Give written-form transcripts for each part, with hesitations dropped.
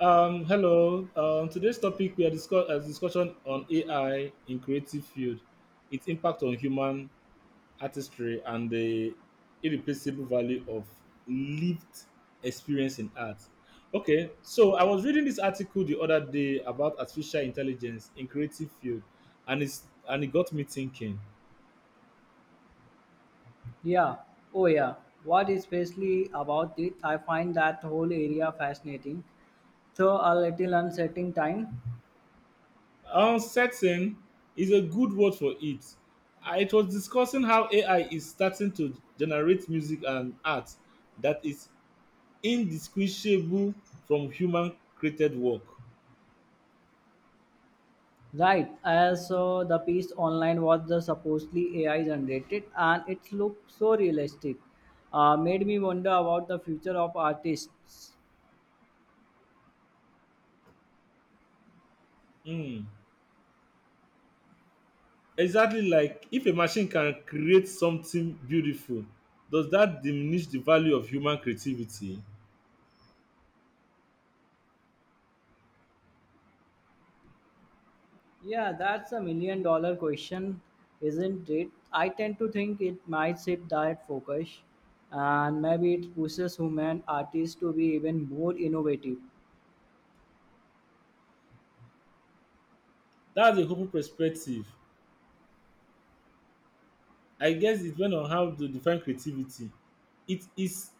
Hello. Today's topic, we are a discussion on AI in creative field, its impact on human artistry, and the irreplaceable value of lived experience in art. Okay, so I was reading this article the other day about artificial intelligence in creative field, and it got me thinking. Yeah, oh yeah. What especially about it? I find that whole area fascinating, though a little uncertain time. Uncertain is a good word for it. It was discussing how AI is starting to generate music and art that is indistinguishable from human-created work. Right, as the piece online was the supposedly AI generated, and it looked so realistic, made me wonder about the future of artists. Mm, exactly, like if a machine can create something beautiful, does that diminish the value of human creativity? Yeah, that's a $1 million question, isn't it? I tend to think it might shift that focus, and maybe it pushes human artists to be even more innovative. That's a hopeful perspective. I guess it depends on how to define creativity. It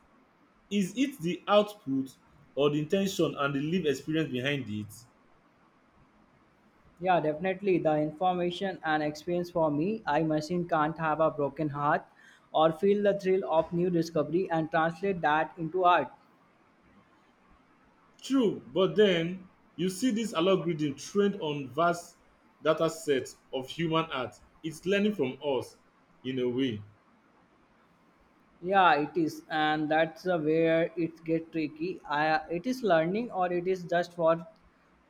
is it the output or the in ten tion and the lived experience behind it? Yeah, definitely. The information and experience for me, I machine can't have a broken heart or feel the thrill of new discovery and translate that into art. True, but then you see this algorithm trained on vast data sets of human art. It's learning from us in a way. Yeah, it is, and that's where it get tricky. I, it is learning or it is just for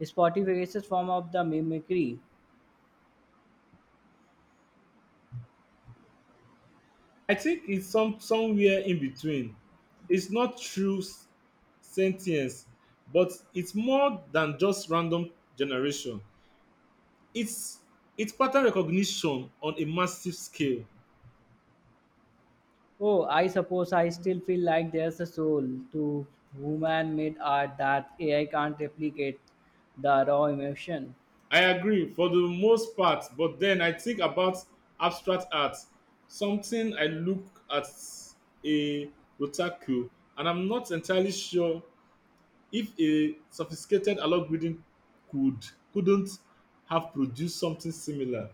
Spotify's form of the mimicry. I think it's somewhere in between. It's not true sentience, but it's more than just random generation. It's it's pattern recognition on a massive scale. Oh, I suppose I still feel like there's a soul to human-made art that AI can't replicate the raw emotion. I agree for the most part, but then I think about abstract art, something I look at, a Rotaku, and I'm not entirely sure if a sophisticated algorithm could couldn't have produced something similar.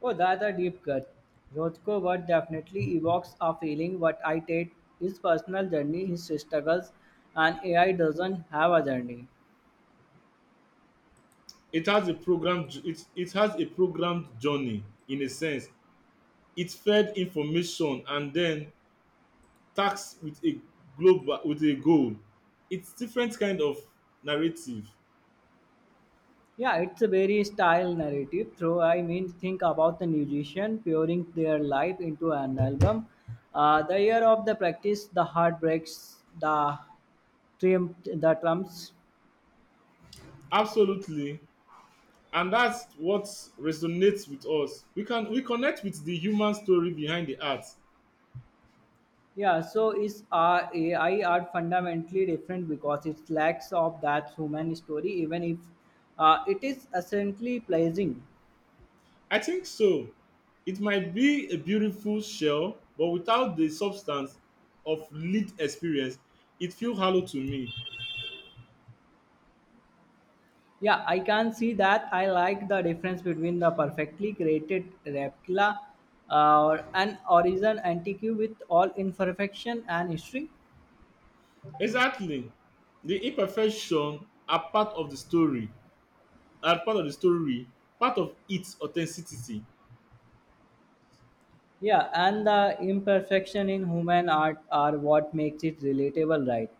Oh, that's a deep cut. Rothko work definitely evokes a feeling what I take his personal journey, his struggles, and AI doesn't have a journey. It has a program it, it has a programmed journey in a sense. It fed information and then tasked with a goal. It's different kind of narrative. Yeah, it's a very style narrative. Through I mean, think about the musician pouring their life into an album. The year of the practice, the heartbreaks, the triumph, the trumps. Absolutely, and that's what resonates with us. We connect with the human story behind the art. Yeah, so is AI art fundamentally different because it lacks of that human story, even if it is essentially pleasing. I think so. It might be a beautiful shell, but without the substance of lived experience, it feels hollow to me. Yeah, I can see that. I like the difference between the perfectly created replica or an origin antique with all imperfection and history. Exactly. The imperfection are part of the story, are part of the story, part of its authenticity. Yeah, and the imperfection in human art are what makes it relatable, right?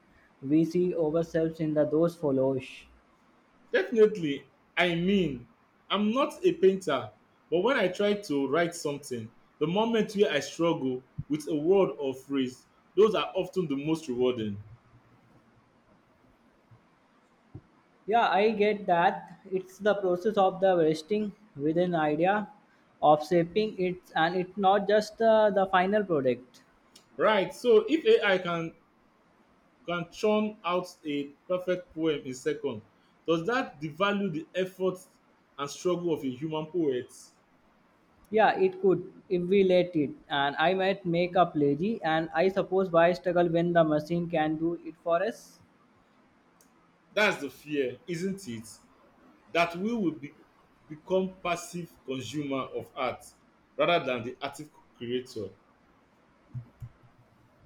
We see ourselves in the those follows. Definitely. I mean, I'm not a painter, but when I try to write something, the moment where I struggle with a word or phrase, those are often the most rewarding. Yeah, I get that. It's the process of the vesting with an idea of shaping it, and it's not just the final product. Right. So if AI can churn out a perfect poem in second, does that devalue the effort and struggle of a human poet? Yeah, it could if we let it, and I might make up lazy, and I suppose why struggle when the machine can do it for us? That's the fear, isn't it? That we will be, become passive consumer of art rather than the active creator.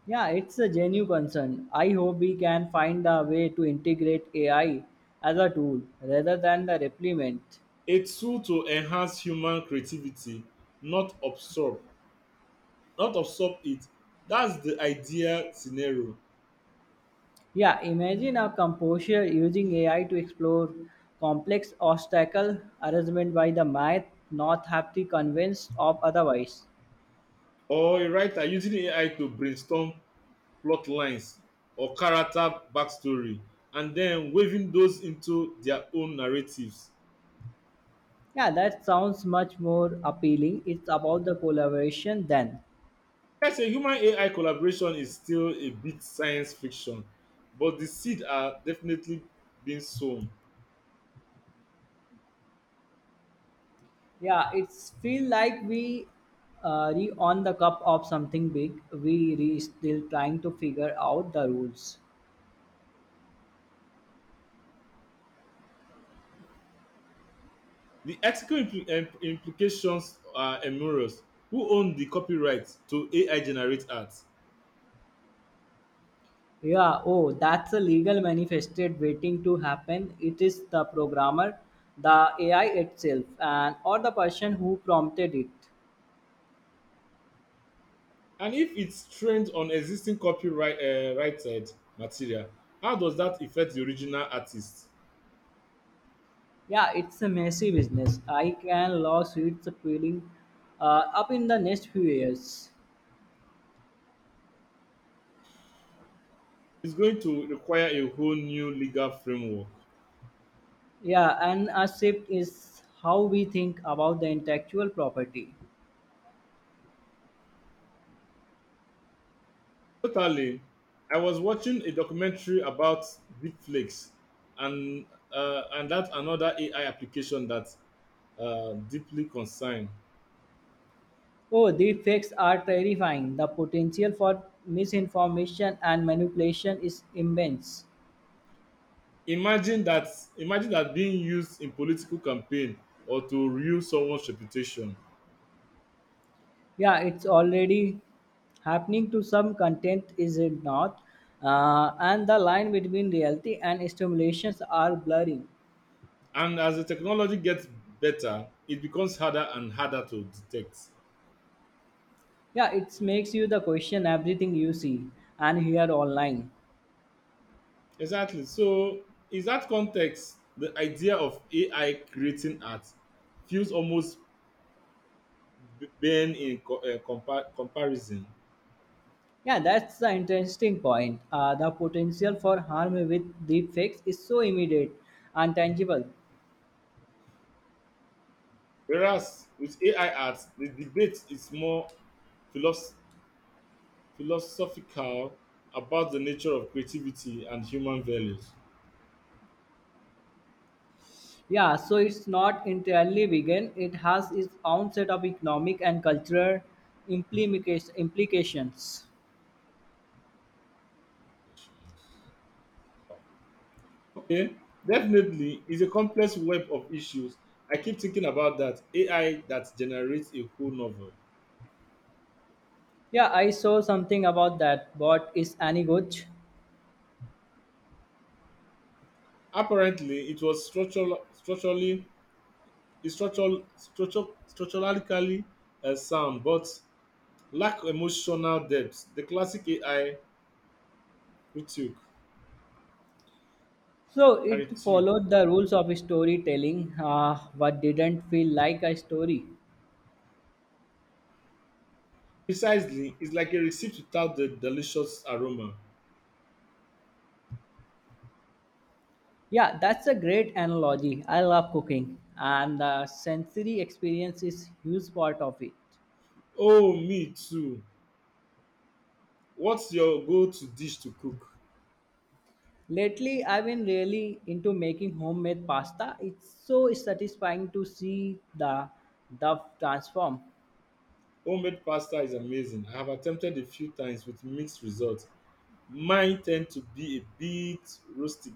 Yeah, it's a genuine concern. I hope we can find a way to integrate AI as a tool rather than the replement. A tool to enhance human creativity, not absorb not absorb it. That's the ideal scenario. Yeah, imagine a composer using AI to explore complex obstacle arrangement by the math not have to convinced of otherwise. Or a writer using AI to brainstorm plot lines or character backstory and then weaving those into their own narratives. Yeah, that sounds much more appealing. It's about the collaboration then. Yes, a human AI collaboration is still a bit science fiction, but the seed are definitely being sown. Yeah, it's feel like we re on the cup of something big. We re still trying to figure out the rules. The ethical implications are enormous. Who owns the copyright to AI generate art? Yeah, oh, that's a legal manifested waiting to happen. It is the programmer, the AI itself, and or the person who prompted it. And if it's trained on existing copyright righted material, how does that affect the original artist? Yeah, it's a messy business. I can lawsuits appealing up in the next few years. It's going to require a whole new legal framework. Yeah, and a shift is how we think about the intellectual property. Totally. I was watching a documentary about deepfakes and and that's another AI application that deeply concerned. Oh, the facts are terrifying. The potential for misinformation and manipulation is immense. Imagine that Imagine that being used in political campaign or to ruin someone's reputation. Yeah, it's already happening to some content, is it not? And the line between reality and stimulations are blurring. And as the technology gets better, it becomes harder and harder to detect. Yeah, it makes you the question everything you see and hear online. Exactly. So in that context, the idea of AI creating art feels almost b- banned in co- compa- comparison. Yeah, that's the interesting point. The potential for harm with deepfakes is so immediate and tangible. Whereas with AI art, the debate is more philosoph- philosophical about the nature of creativity and human values. Yeah, so it's not entirely vegan. It has its own set of economic and cultural implications. Okay, definitely, it's a complex web of issues. I keep thinking about that AI that generates a whole novel. Yeah, I saw something about that. But is any good? Apparently, it was structural, structurally, it's structural, structural, structurally sound, but lack emotional depth. The classic AI we took, So I it took. followed the rules of storytelling, but didn't feel like a story. Precisely, it's like a receipt without the delicious aroma. Yeah, that's a great analogy. I love cooking, and the sensory experience is huge part of it. Oh, me too. What's your go-to dish to cook? Lately, I've been really into making homemade pasta. It's so satisfying to see the dough transform. Homemade pasta is amazing. I have attempted a few times with mixed results. Mine tend to be a bit rustic.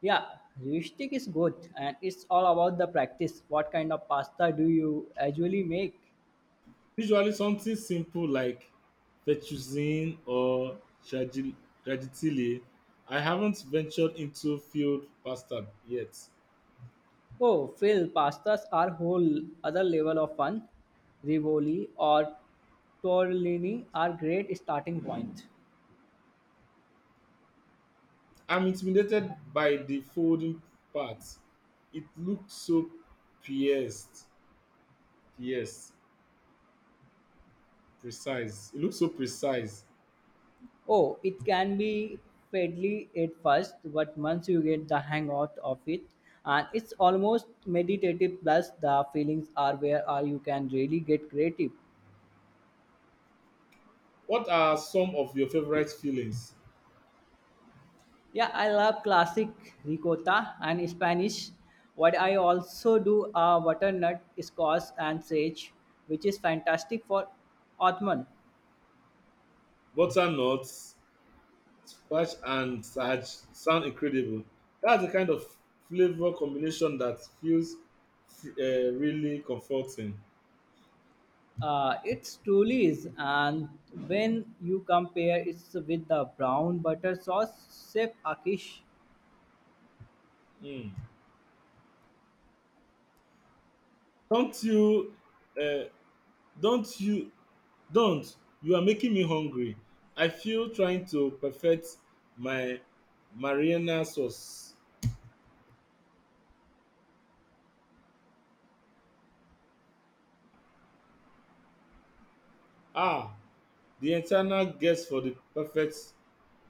Yeah, heuristic is good, and it's all about the practice. What kind of pasta do you usually make? Usually something simple like fettuccine or tragi- tragitile. I haven't ventured into field pasta yet. Oh, Phil, pastas are whole other level of fun. Rivoli or tortellini are great starting point. I'm intimidated by the folding part. It looks so pierced. Yes, precise. It looks so precise. Oh, it can be fiddly at first, but once you get the hang out of it, and it's almost meditative. Plus, the feelings are where are you can really get creative. What are some of your favorite fillings? Yeah, I love classic ricotta and Spanish. What I also do are butternut squash and sage, which is fantastic for Ottoman. Butternuts, Squash and Saj sound incredible. That's the kind of flavor combination that feels really comforting. It truly is, and when you compare it with the brown butter sauce, Chef Akish, Mm. Don't you, uh, don't you, don't. You are making me hungry. I feel trying to perfect my Mariana sauce. Ah, the eternal guest for the perfect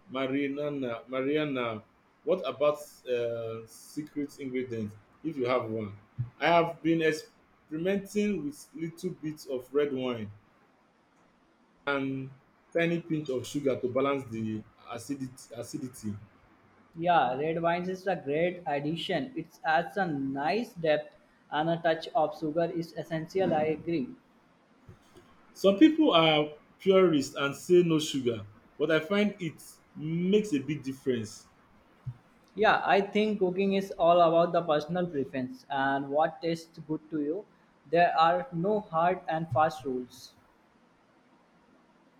Mariana, what about secret ingredients if you have one? I have been experimenting with little bits of red wine and tiny pinch of sugar to balance the acidity. yeah, red wines is a great addition. It adds a nice depth and a touch of sugar is essential. I agree. Some people are purists and say no sugar, but I find it makes a big difference. Yeah, I think cooking is all about the personal preference and what tastes good to you. There are no hard and fast rules.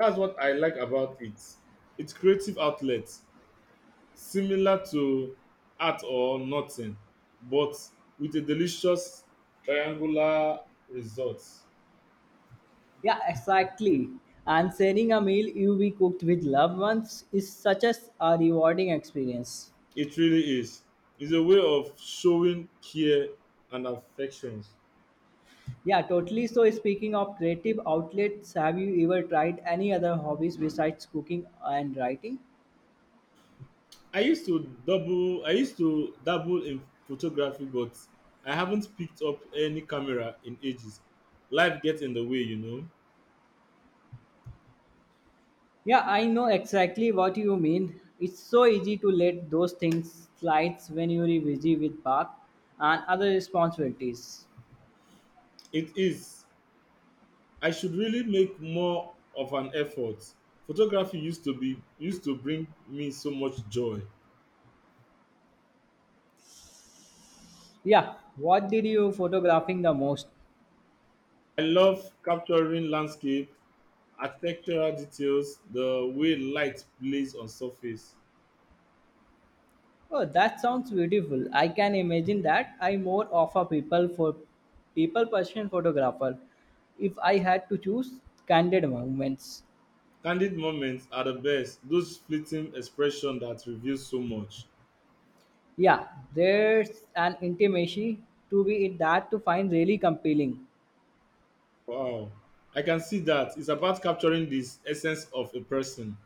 That's what I like about it. It's creative outlet, similar to art or nothing, but with a delicious triangular result. Yeah, exactly. And sharing a meal you be cooked with loved ones is such as a rewarding experience. It really is. It's a way of showing care and affections. Yeah, totally. So speaking of creative outlets, have you ever tried any other hobbies besides cooking and writing? I used to dabble in photography, but I haven't picked up any camera in ages. Life gets in the way, you know. Yeah, I know exactly what you mean. It's so easy to let those things slide when you're busy with bath and other responsibilities. It is. I should really make more of an effort. Photography used to be used to bring me so much joy. Yeah, what did you photographing the most? I love capturing landscape, architectural details, the way light plays on surface. Oh, that sounds beautiful. I can imagine that. I more of a people for people person photographer. If I had to choose candid moments, Candid moments are the best, those fleeting expressions that reveal so much. yeah, there's an intimacy to be in that to find really compelling. Wow. I can see that. It's about capturing this essence of a person.